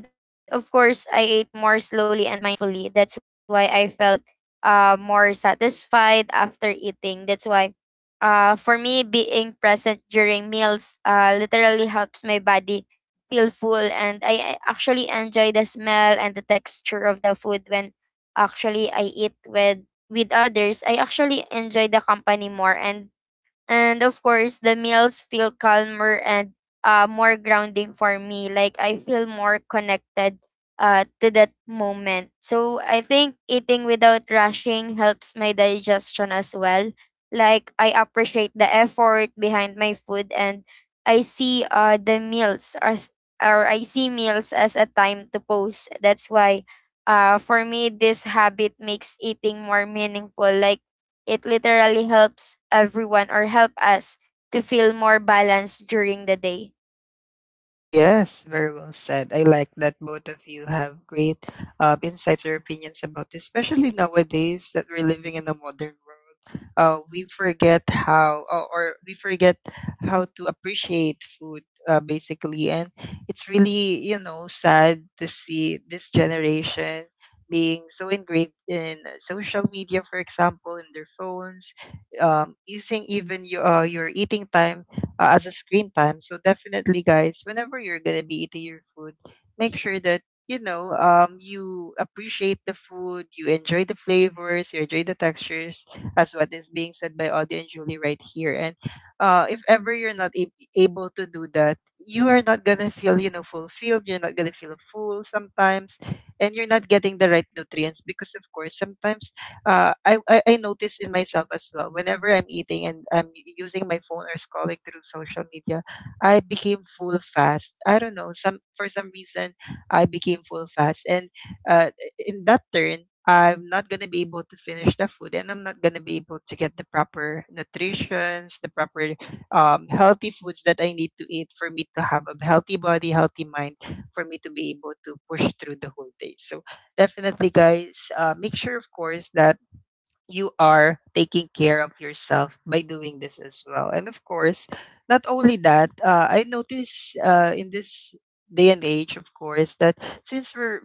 [SPEAKER 3] And of course, I ate more slowly and mindfully. That's why I felt more satisfied after eating. That's why, for me, being present during meals literally helps my body feel full, and I actually enjoy the smell and the texture of the food when actually I eat with others. I actually enjoy the company more, and of course the meals feel calmer and more grounding for me, like I feel more connected to that moment. So I think eating without rushing helps my digestion as well. Like I appreciate the effort behind my food and i see uh, the meals as I see meals as a time to pause. That's why for me this habit makes eating more meaningful. Like it literally helps everyone or help us to feel more balanced during the day.
[SPEAKER 1] Yes, very well said. I like that both of you have great insights or opinions about this, especially nowadays that we're living in a modern world. We forget how, or we forget how to appreciate food, basically. And it's really, you know, sad to see this generation being so engraved in social media, for example, in their phones, using even your eating time as a screen time. So definitely, guys, whenever you're gonna be eating your food, make sure that, you know, you appreciate the food, you enjoy the flavors, you enjoy the textures, as what is being said by Audie and Julie right here. And if ever you're not ab able to do that, you are not gonna feel, you know, fulfilled. You're not gonna feel full sometimes, and you're not getting the right nutrients, because of course sometimes I noticed in myself as well. Whenever I'm eating and I'm using my phone or scrolling through social media, I became full fast. I don't know. Some For some reason, I became full fast, and uh, in that turn, I'm not gonna be able to finish the food, and I'm not gonna be able to get the proper nutritions, the proper healthy foods that I need to eat for me to have a healthy body, healthy mind, for me to be able to push through the whole day. So definitely, guys, make sure, of course, that you are taking care of yourself by doing this as well. And of course, not only that, I notice in this day and age, of course, that since we're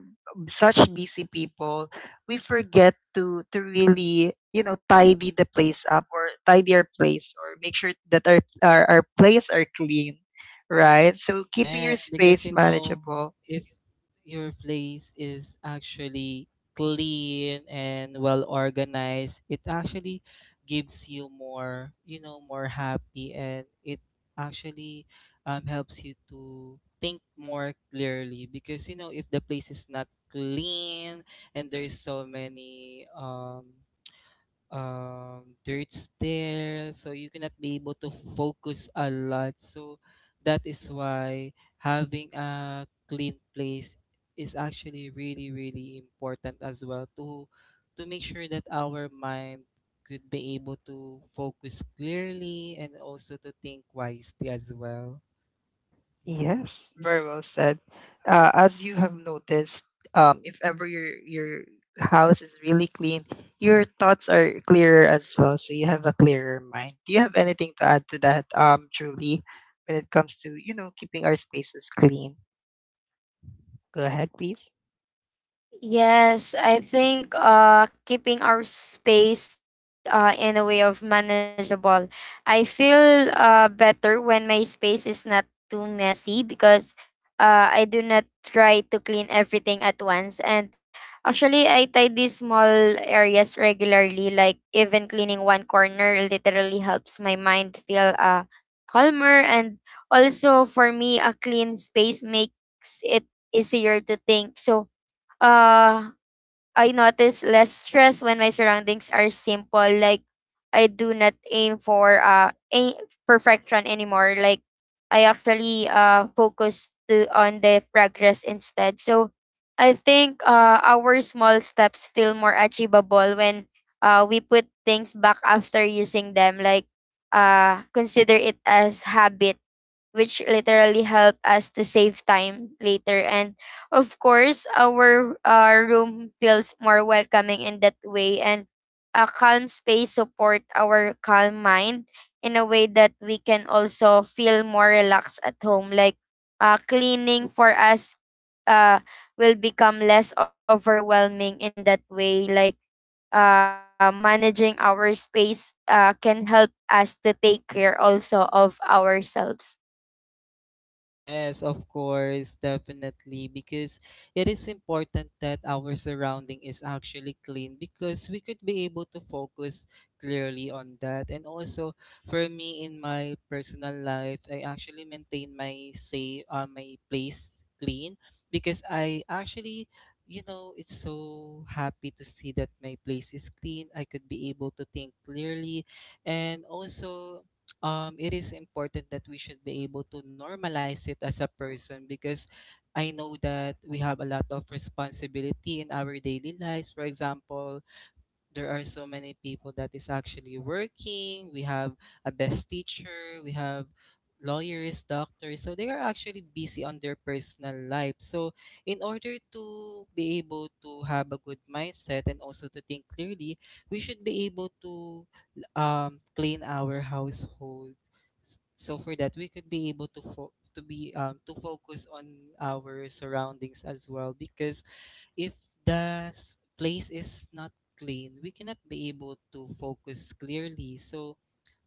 [SPEAKER 1] such busy people, we forget to really, you know, tidy the place up or tidy our place or make sure that our place are clean, right? So keeping your
[SPEAKER 2] Yes, because
[SPEAKER 1] space
[SPEAKER 2] you know,
[SPEAKER 1] manageable—
[SPEAKER 2] if your place is actually clean and well organized, it actually gives you more, you know, more happy, and it actually helps you to think more clearly. Because you know, if the place is not clean and there's so many dirt's there, so you cannot be able to focus a lot. So that is why having a clean place is actually really, really important as well to make sure that our mind could be able to focus clearly and also to think wisely as well. Mhm.
[SPEAKER 1] Yes, very well said. As you have noticed, if ever your house is really clean, your thoughts are clearer as well, so you have a clearer mind. Do you have anything to add to that, Julie, when it comes to, you know, keeping our spaces clean? Go ahead, please.
[SPEAKER 3] Yes, I think keeping our space in a way of manageable. I feel better when my space is not too messy because I do not try to clean everything at once. And actually, I tidy small areas regularly, like even cleaning one corner literally helps my mind feel calmer. And also, for me, a clean space makes it easier to think. So, uh I notice less stress when my surroundings are simple. Like I do not aim for aim perfection anymore. Like I actually focus to on the progress instead. So I think our small steps feel more achievable when we put things back after using them. Like consider it as habit which literally help us to save time later. And of course, our room feels more welcoming in that way. And a calm space support our calm mind in a way that we can also feel more relaxed at home. Cleaning for us uh, will become less overwhelming in that way. Managing our space can help us to take care also of ourselves.
[SPEAKER 2] Yes, of course, definitely, because it is important that our surrounding is actually clean because we could be able to focus clearly on that. And also, for me in my personal life, I actually maintain my place clean, because I actually, you know, it's so happy to see that my place is clean. I could be able to think clearly, and also it is important that we should be able to normalize it as a person. Because I know that we have a lot of responsibility in our daily lives. For example, there are so many people that is actually working. We have a best teacher, we have lawyers, doctors. So they are actually busy on their personal life. So in order to be able to have a good mindset and also to think clearly, we should be able to clean our household. So for that, we could be able to fo- to be to focus on our surroundings as well. Because if the place is not clean, we cannot be able to focus clearly. So,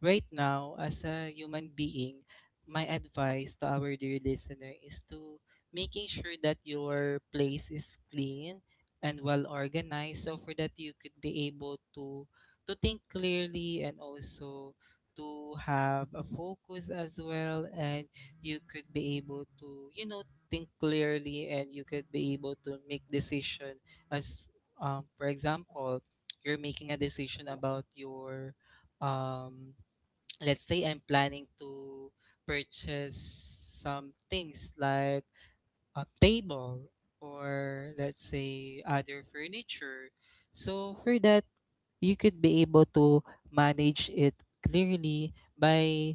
[SPEAKER 2] right now, as a human being, my advice to our dear listener is to making sure that your place is clean and well organized, so for that you could be able to think clearly and also to have a focus as well. And you could be able to, you know, think clearly, and you could be able to make decision as, for example, you're making a decision about your um, let's say I'm planning to purchase some things, like a table or let's say other furniture. So for that you could be able to manage it clearly by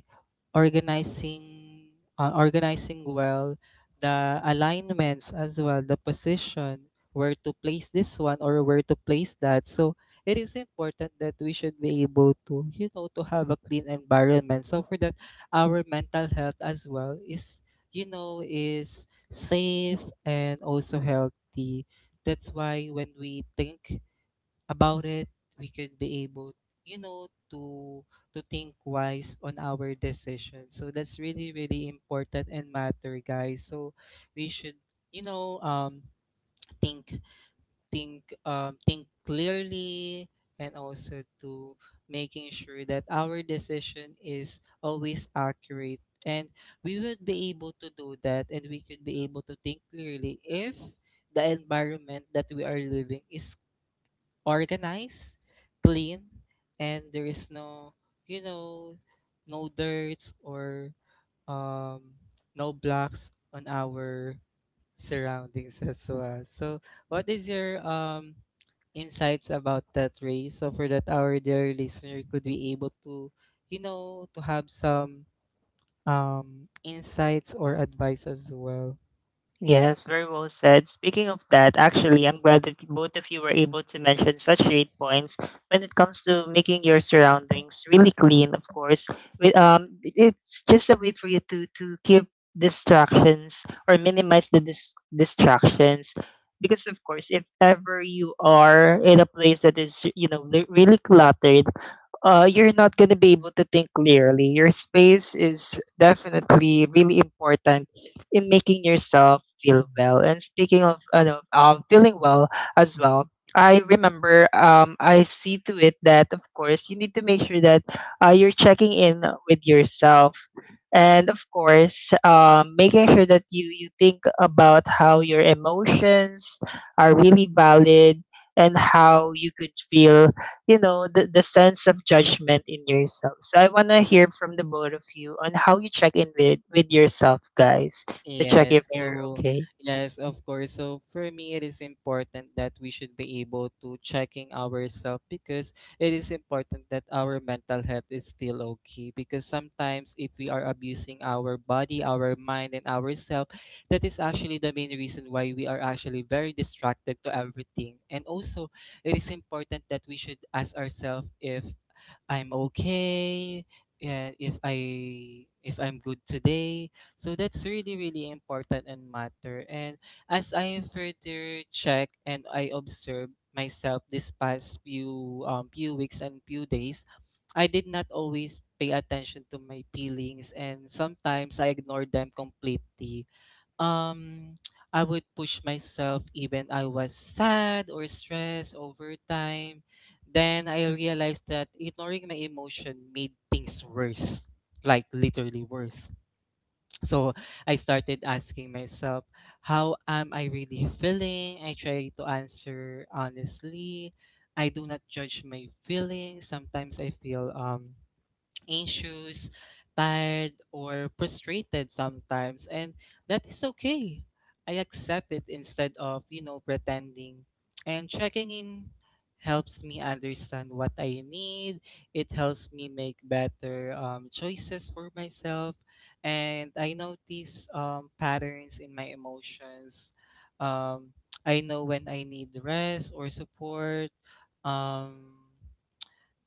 [SPEAKER 2] organizing organizing well the alignments as well, the position, where to place this one or where to place that. So it is important that we should be able to, you know, to have a clean environment, so for that our mental health as well is, you know, is safe and also healthy. That's why when we think about it, we could be able, you know, to think wise on our decisions. So that's really really important and matter, guys. So we should, you know, think think clearly, and also to making sure that our decision is always accurate, and we would be able to do that and we could be able to think clearly if the environment that we are living is organized, clean, and there is no, you know, no dirt or um, no blocks on our surroundings as well. So, what is your insights about that, Ray? So for that our dear listener could be able to, you know, to have some insights or advice as well.
[SPEAKER 1] Yes, very well said. Speaking of that, actually, I'm glad that both of you were able to mention such great points when it comes to making your surroundings really clean. Of course, with it's just a way for you to keep distractions or minimize the distractions. Because of course, if ever you are in a place that is, you know, really cluttered, you're not going to be able to think clearly. Your space is definitely really important in making yourself feel well. And speaking of feeling well as well, I remember, I see to it that, of course, you need to make sure that you're checking in with yourself. And of course, making sure that you think about how your emotions are really valid and how you could feel, you know, the sense of judgment in yourself. So I want to hear from the both of you on how you check in with yourself, guys, to check if
[SPEAKER 2] Yes,
[SPEAKER 1] you're
[SPEAKER 2] so
[SPEAKER 1] okay.
[SPEAKER 2] yes, of course. So for me, it is important that we should be able to checking ourselves because it is important that our mental health is still okay. Because sometimes if we are abusing our body, our mind, and ourselves, that is actually the main reason why we are actually very distracted to everything. And also, it is important that we should ask ourselves if I'm okay, and if I'm good today, so that's really, really important and matter. And as I further check and I observe myself this past few weeks and few days, I did not always pay attention to my feelings, and sometimes I ignored them completely. Um I would push myself even I was sad or stressed over time. Then I realized that ignoring my emotion made things worse. Like literally worse. So I started asking myself, how am I really feeling? I try to answer honestly. I do not judge my feelings. Sometimes I feel anxious, tired, or frustrated sometimes, and that is okay. I accept it instead of, pretending. And checking in helps me understand what I need. It helps me make better choices for myself. And I notice patterns in my emotions. Um, I know when I need rest or support. Um,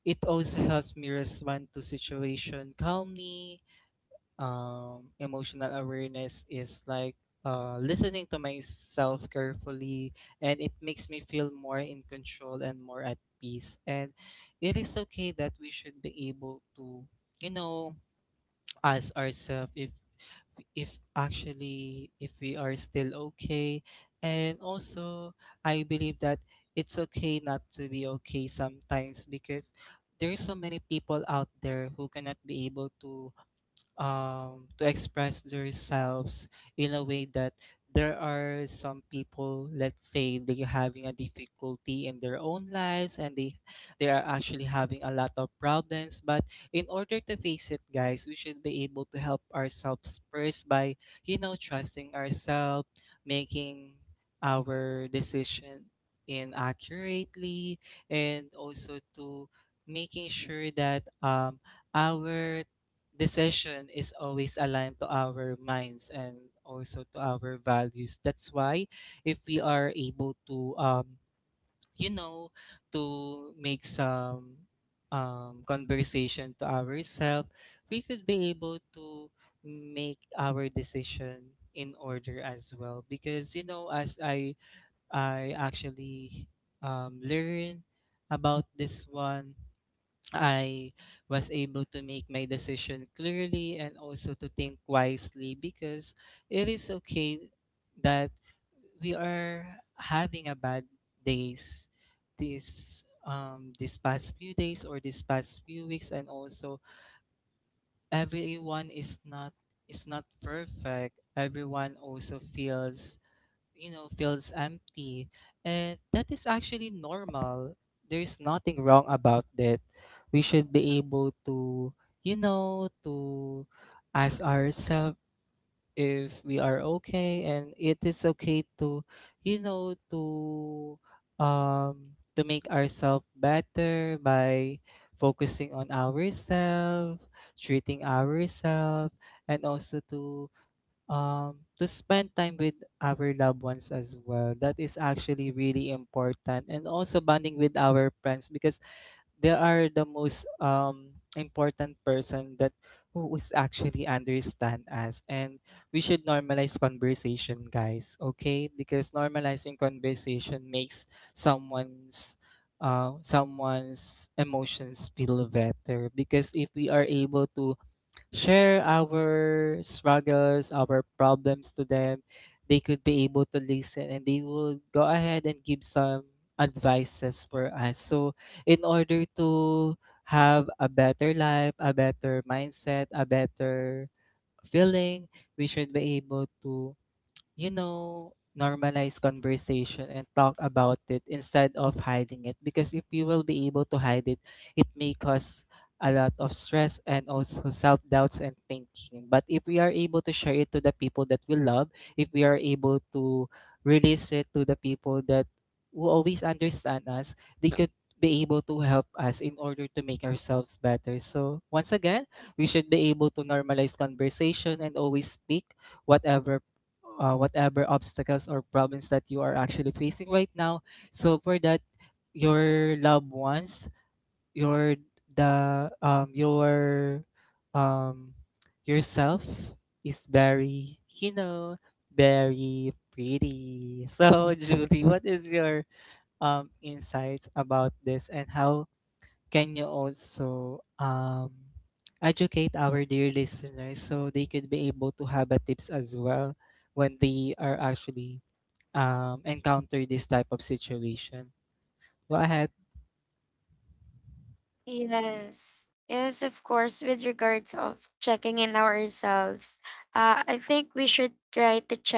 [SPEAKER 2] it also helps me respond to situation calmly. Emotional awareness is like listening to myself carefully, and it makes me feel more in control and more at peace. And it is okay that we should be able to, you know, ask ourselves if if we are still okay. And also I believe that it's okay not to be okay sometimes, because there's so many people out there who cannot be able to express themselves in a way that, there are some people, let's say they're having a difficulty in their own lives, and they are actually having a lot of problems. But in order to face it, guys, we should be able to help ourselves first by, trusting ourselves, making our decision in accurately, and also to making sure that our decision is always aligned to our minds and also to our values. That's why if we are able to you know to make some conversation to ourselves, we could be able to make our decision in order as well, because you know, as I actually learn about this one, I was able to make my decision clearly and also to think wisely, because it is okay that we are having a bad days, this this past few days or this past few weeks. And also, everyone is not perfect. Everyone also feels, you know, feels empty, and that is actually normal. There's nothing wrong about that. We should be able to, you know, to ask ourselves if we are okay, and it is okay to, you know, to make ourselves better by focusing on ourselves, treating ourselves, and also to spend time with our loved ones as well. That is actually really important, and also bonding with our friends, because they are the most important person that who is actually understand us. And we should normalize conversation, guys, okay, because normalizing conversation makes someone's someone's emotions feel better, because if we are able to share our struggles, our problems to them, they could be able to listen, and they will go ahead and give some advices for us. So, in order to have a better life, a better mindset, a better feeling, we should be able to, you know, normalize conversation and talk about it instead of hiding it. Because if you will be able to hide it, it may cause a lot of stress and also self doubts and thinking. But if we are able to share it to the people that we love, if we are able to release it to the people that who always understand us, they could be able to help us in order to make ourselves better. So once again, we should be able to normalize conversation and always speak whatever whatever obstacles or problems that you are actually facing right now. So for that, your loved ones, your your um yourself is very, you know, very pretty. So Judy, what is your insights about this, and how can you also educate our dear listeners so they could be able to have a tips as well when they are actually encounter this type of situation? Go ahead.
[SPEAKER 3] Yes. Yes, of course, with regards of checking in ourselves, I think we should try to check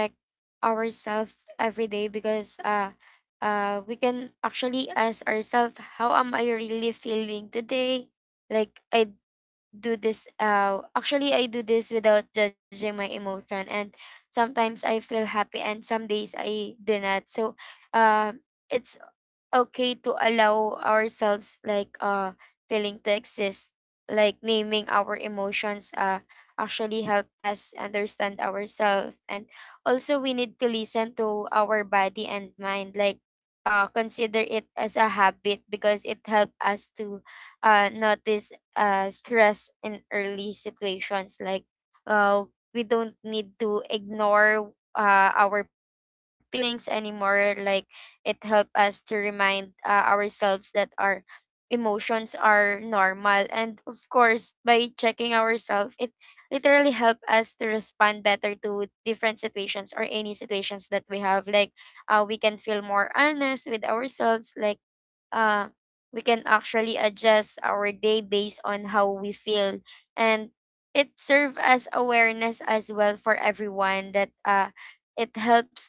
[SPEAKER 3] ourselves every day because we can actually ask ourselves, how am I really feeling today? Like I Actually I do this without judging my emotion, and sometimes I feel happy, and some days I do not. So, uh, it's okay to allow ourselves feeling to exist, like naming our emotions actually help us understand ourselves and also we need to listen to our body and mind. Consider it as a habit because it helps us to notice stress in early situations. Uh we don't need to ignore our feelings anymore. Like it helps us to remind ourselves that our emotions are normal. And of course, by checking ourselves, it literally helps us to respond better to different situations or any situations that we have. Like, we can feel more honest with ourselves. Like, uh, we can actually adjust our day based on how we feel. And it serves as awareness as well for everyone that it helps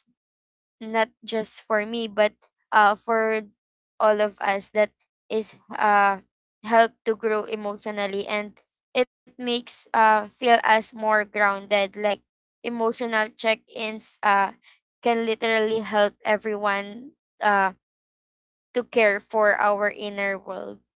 [SPEAKER 3] not just for me but for all of us that is help to grow emotionally and it makes feel us more grounded. Like emotional check-ins can literally help everyone uh, to care for our inner world.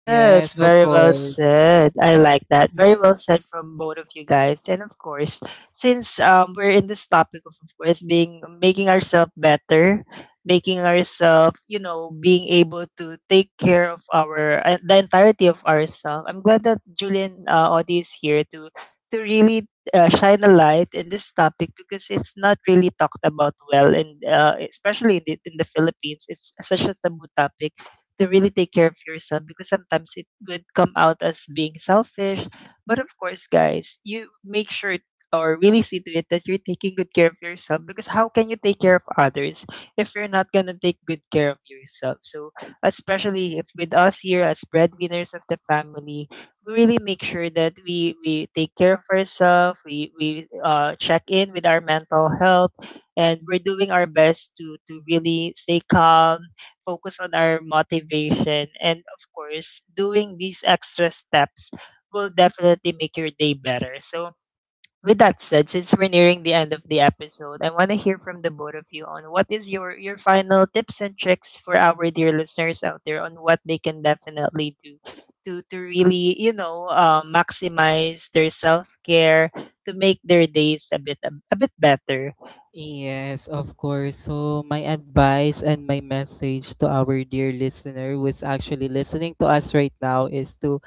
[SPEAKER 1] Yes,
[SPEAKER 2] Yes, of
[SPEAKER 1] very well
[SPEAKER 2] course.
[SPEAKER 1] said. I like that. Very well said from both of you guys. And of course, since we're in this topic of course, being making ourselves better, making ourselves, you know, being able to take care of our the entirety of ourselves. I'm glad that Julian Audi is here to really shine a light in this topic, because it's not really talked about well, and especially in the Philippines, it's such a taboo topic to really take care of yourself, because sometimes it would come out as being selfish. But of course, guys, you make sure or really see to it that you're taking good care of yourself, because how can you take care of others if you're not going to take good care of yourself? So, especially if with us here as breadwinners of the family, we really make sure that we take care of ourselves, we check in with our mental health, and we're doing our best to really stay calm, focus on our motivation. And of course, doing these extra steps will definitely make your day better. So, with that said, since we're nearing the end of the episode, I want to hear from the both of you on what is your final tips and tricks for our dear listeners out there on what they can definitely do to really, you know, maximize their self care, to make their days a bit better.
[SPEAKER 2] Yes, of course. So my advice and my message to our dear listener who is actually listening to us right now is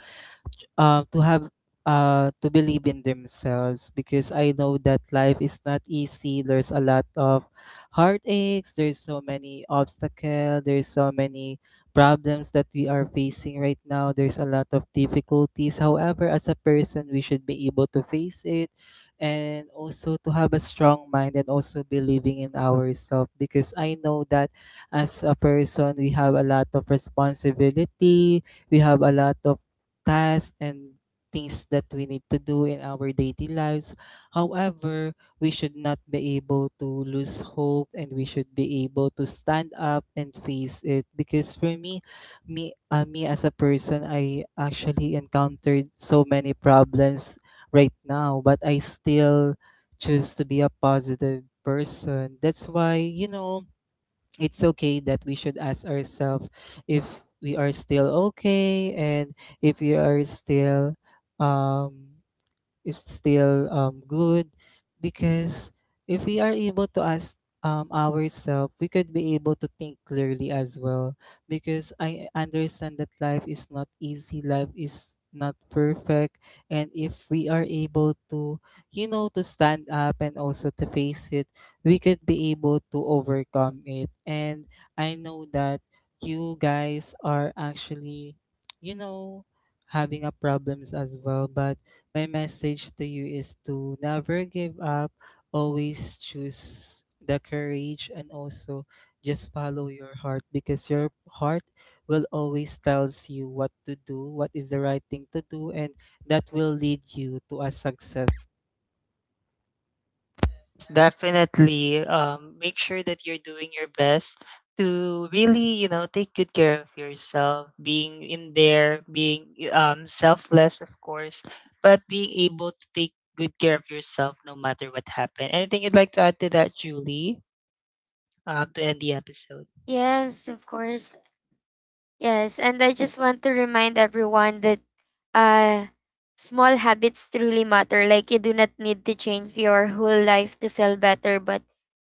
[SPEAKER 2] To have to believe in themselves, because I know that life is not easy. There's a lot of heartaches, there's so many obstacles, there's so many problems that we are facing right now. There's a lot of difficulties. However, as a person we should be able to face it, and also to have a strong mind and also believing in ourselves, because I know that as a person we have a lot of responsibility, we have a lot of tasks and things that we need to do in our daily lives. However, we should not be able to lose hope, and we should be able to stand up and face it, because for me, me as a person, I actually encountered so many problems right now, but I still choose to be a positive person. That's why, you know, it's okay that we should ask ourselves if we are still okay, and if we are still um is still good, because if we are able to ask ourselves, we could be able to think clearly as well. Because I understand that life is not easy, life is not perfect, and if we are able to, you know, to stand up and also to face it, we could be able to overcome it. And I know that you guys are actually, you know, having a problems as well, but my message to you is to never give up, always choose the courage, and also just follow your heart, because your heart will always tells you what to do, what is the right thing to do, and that will lead you to a success.
[SPEAKER 1] Yes, definitely. Make sure that you're doing your best to really, you know, take good care of yourself, being in there, being selfless, of course, but being able to take good care of yourself no matter what happened. Anything you'd like to add to that, Julie, to end the episode?
[SPEAKER 3] Yes, of course. Yes, and I just want to remind everyone that uh small habits truly matter. Like you do not need to change your whole life to feel better, but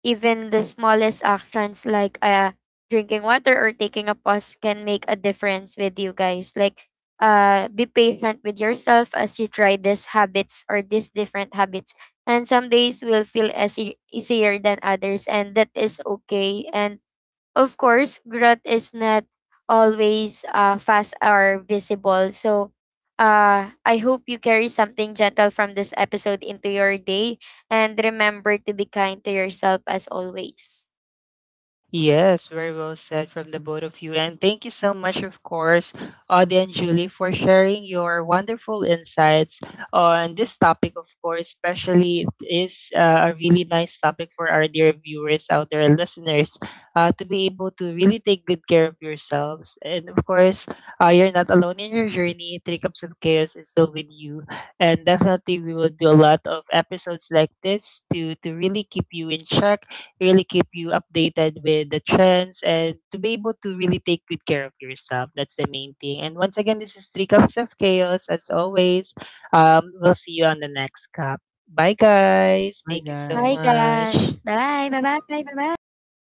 [SPEAKER 3] even the smallest actions like drinking water or taking a pause can make a difference with you guys. Be patient with yourself as you try these habits or these different habits. And some days will feel easy- easier than others and that is okay. And of course, growth is not always fast or visible. So, I hope you carry something gentle from this episode into your day and remember to be kind to yourself as always.
[SPEAKER 1] Yes, very well said from the both of you. And thank you so much, of course, Audie and Julie, for sharing your wonderful insights on this topic, of course, especially it is a really nice topic for our dear viewers out there and listeners to be able to really take good care of yourselves. And of course, you're not alone in your journey. Three Cups of Chaos is still with you. And definitely, we will do a lot of episodes like this to really keep you in check, really keep you updated with the trends and to be able to really take good care of yourself. That's the main thing. And once again, this is Three Cups of Chaos. As always, we'll see you on the next cup. Bye, guys.
[SPEAKER 2] Bye,
[SPEAKER 1] Thank you so
[SPEAKER 3] Bye,
[SPEAKER 2] guys.
[SPEAKER 3] guys.
[SPEAKER 1] much.
[SPEAKER 3] Bye. Bye bye. Bye bye.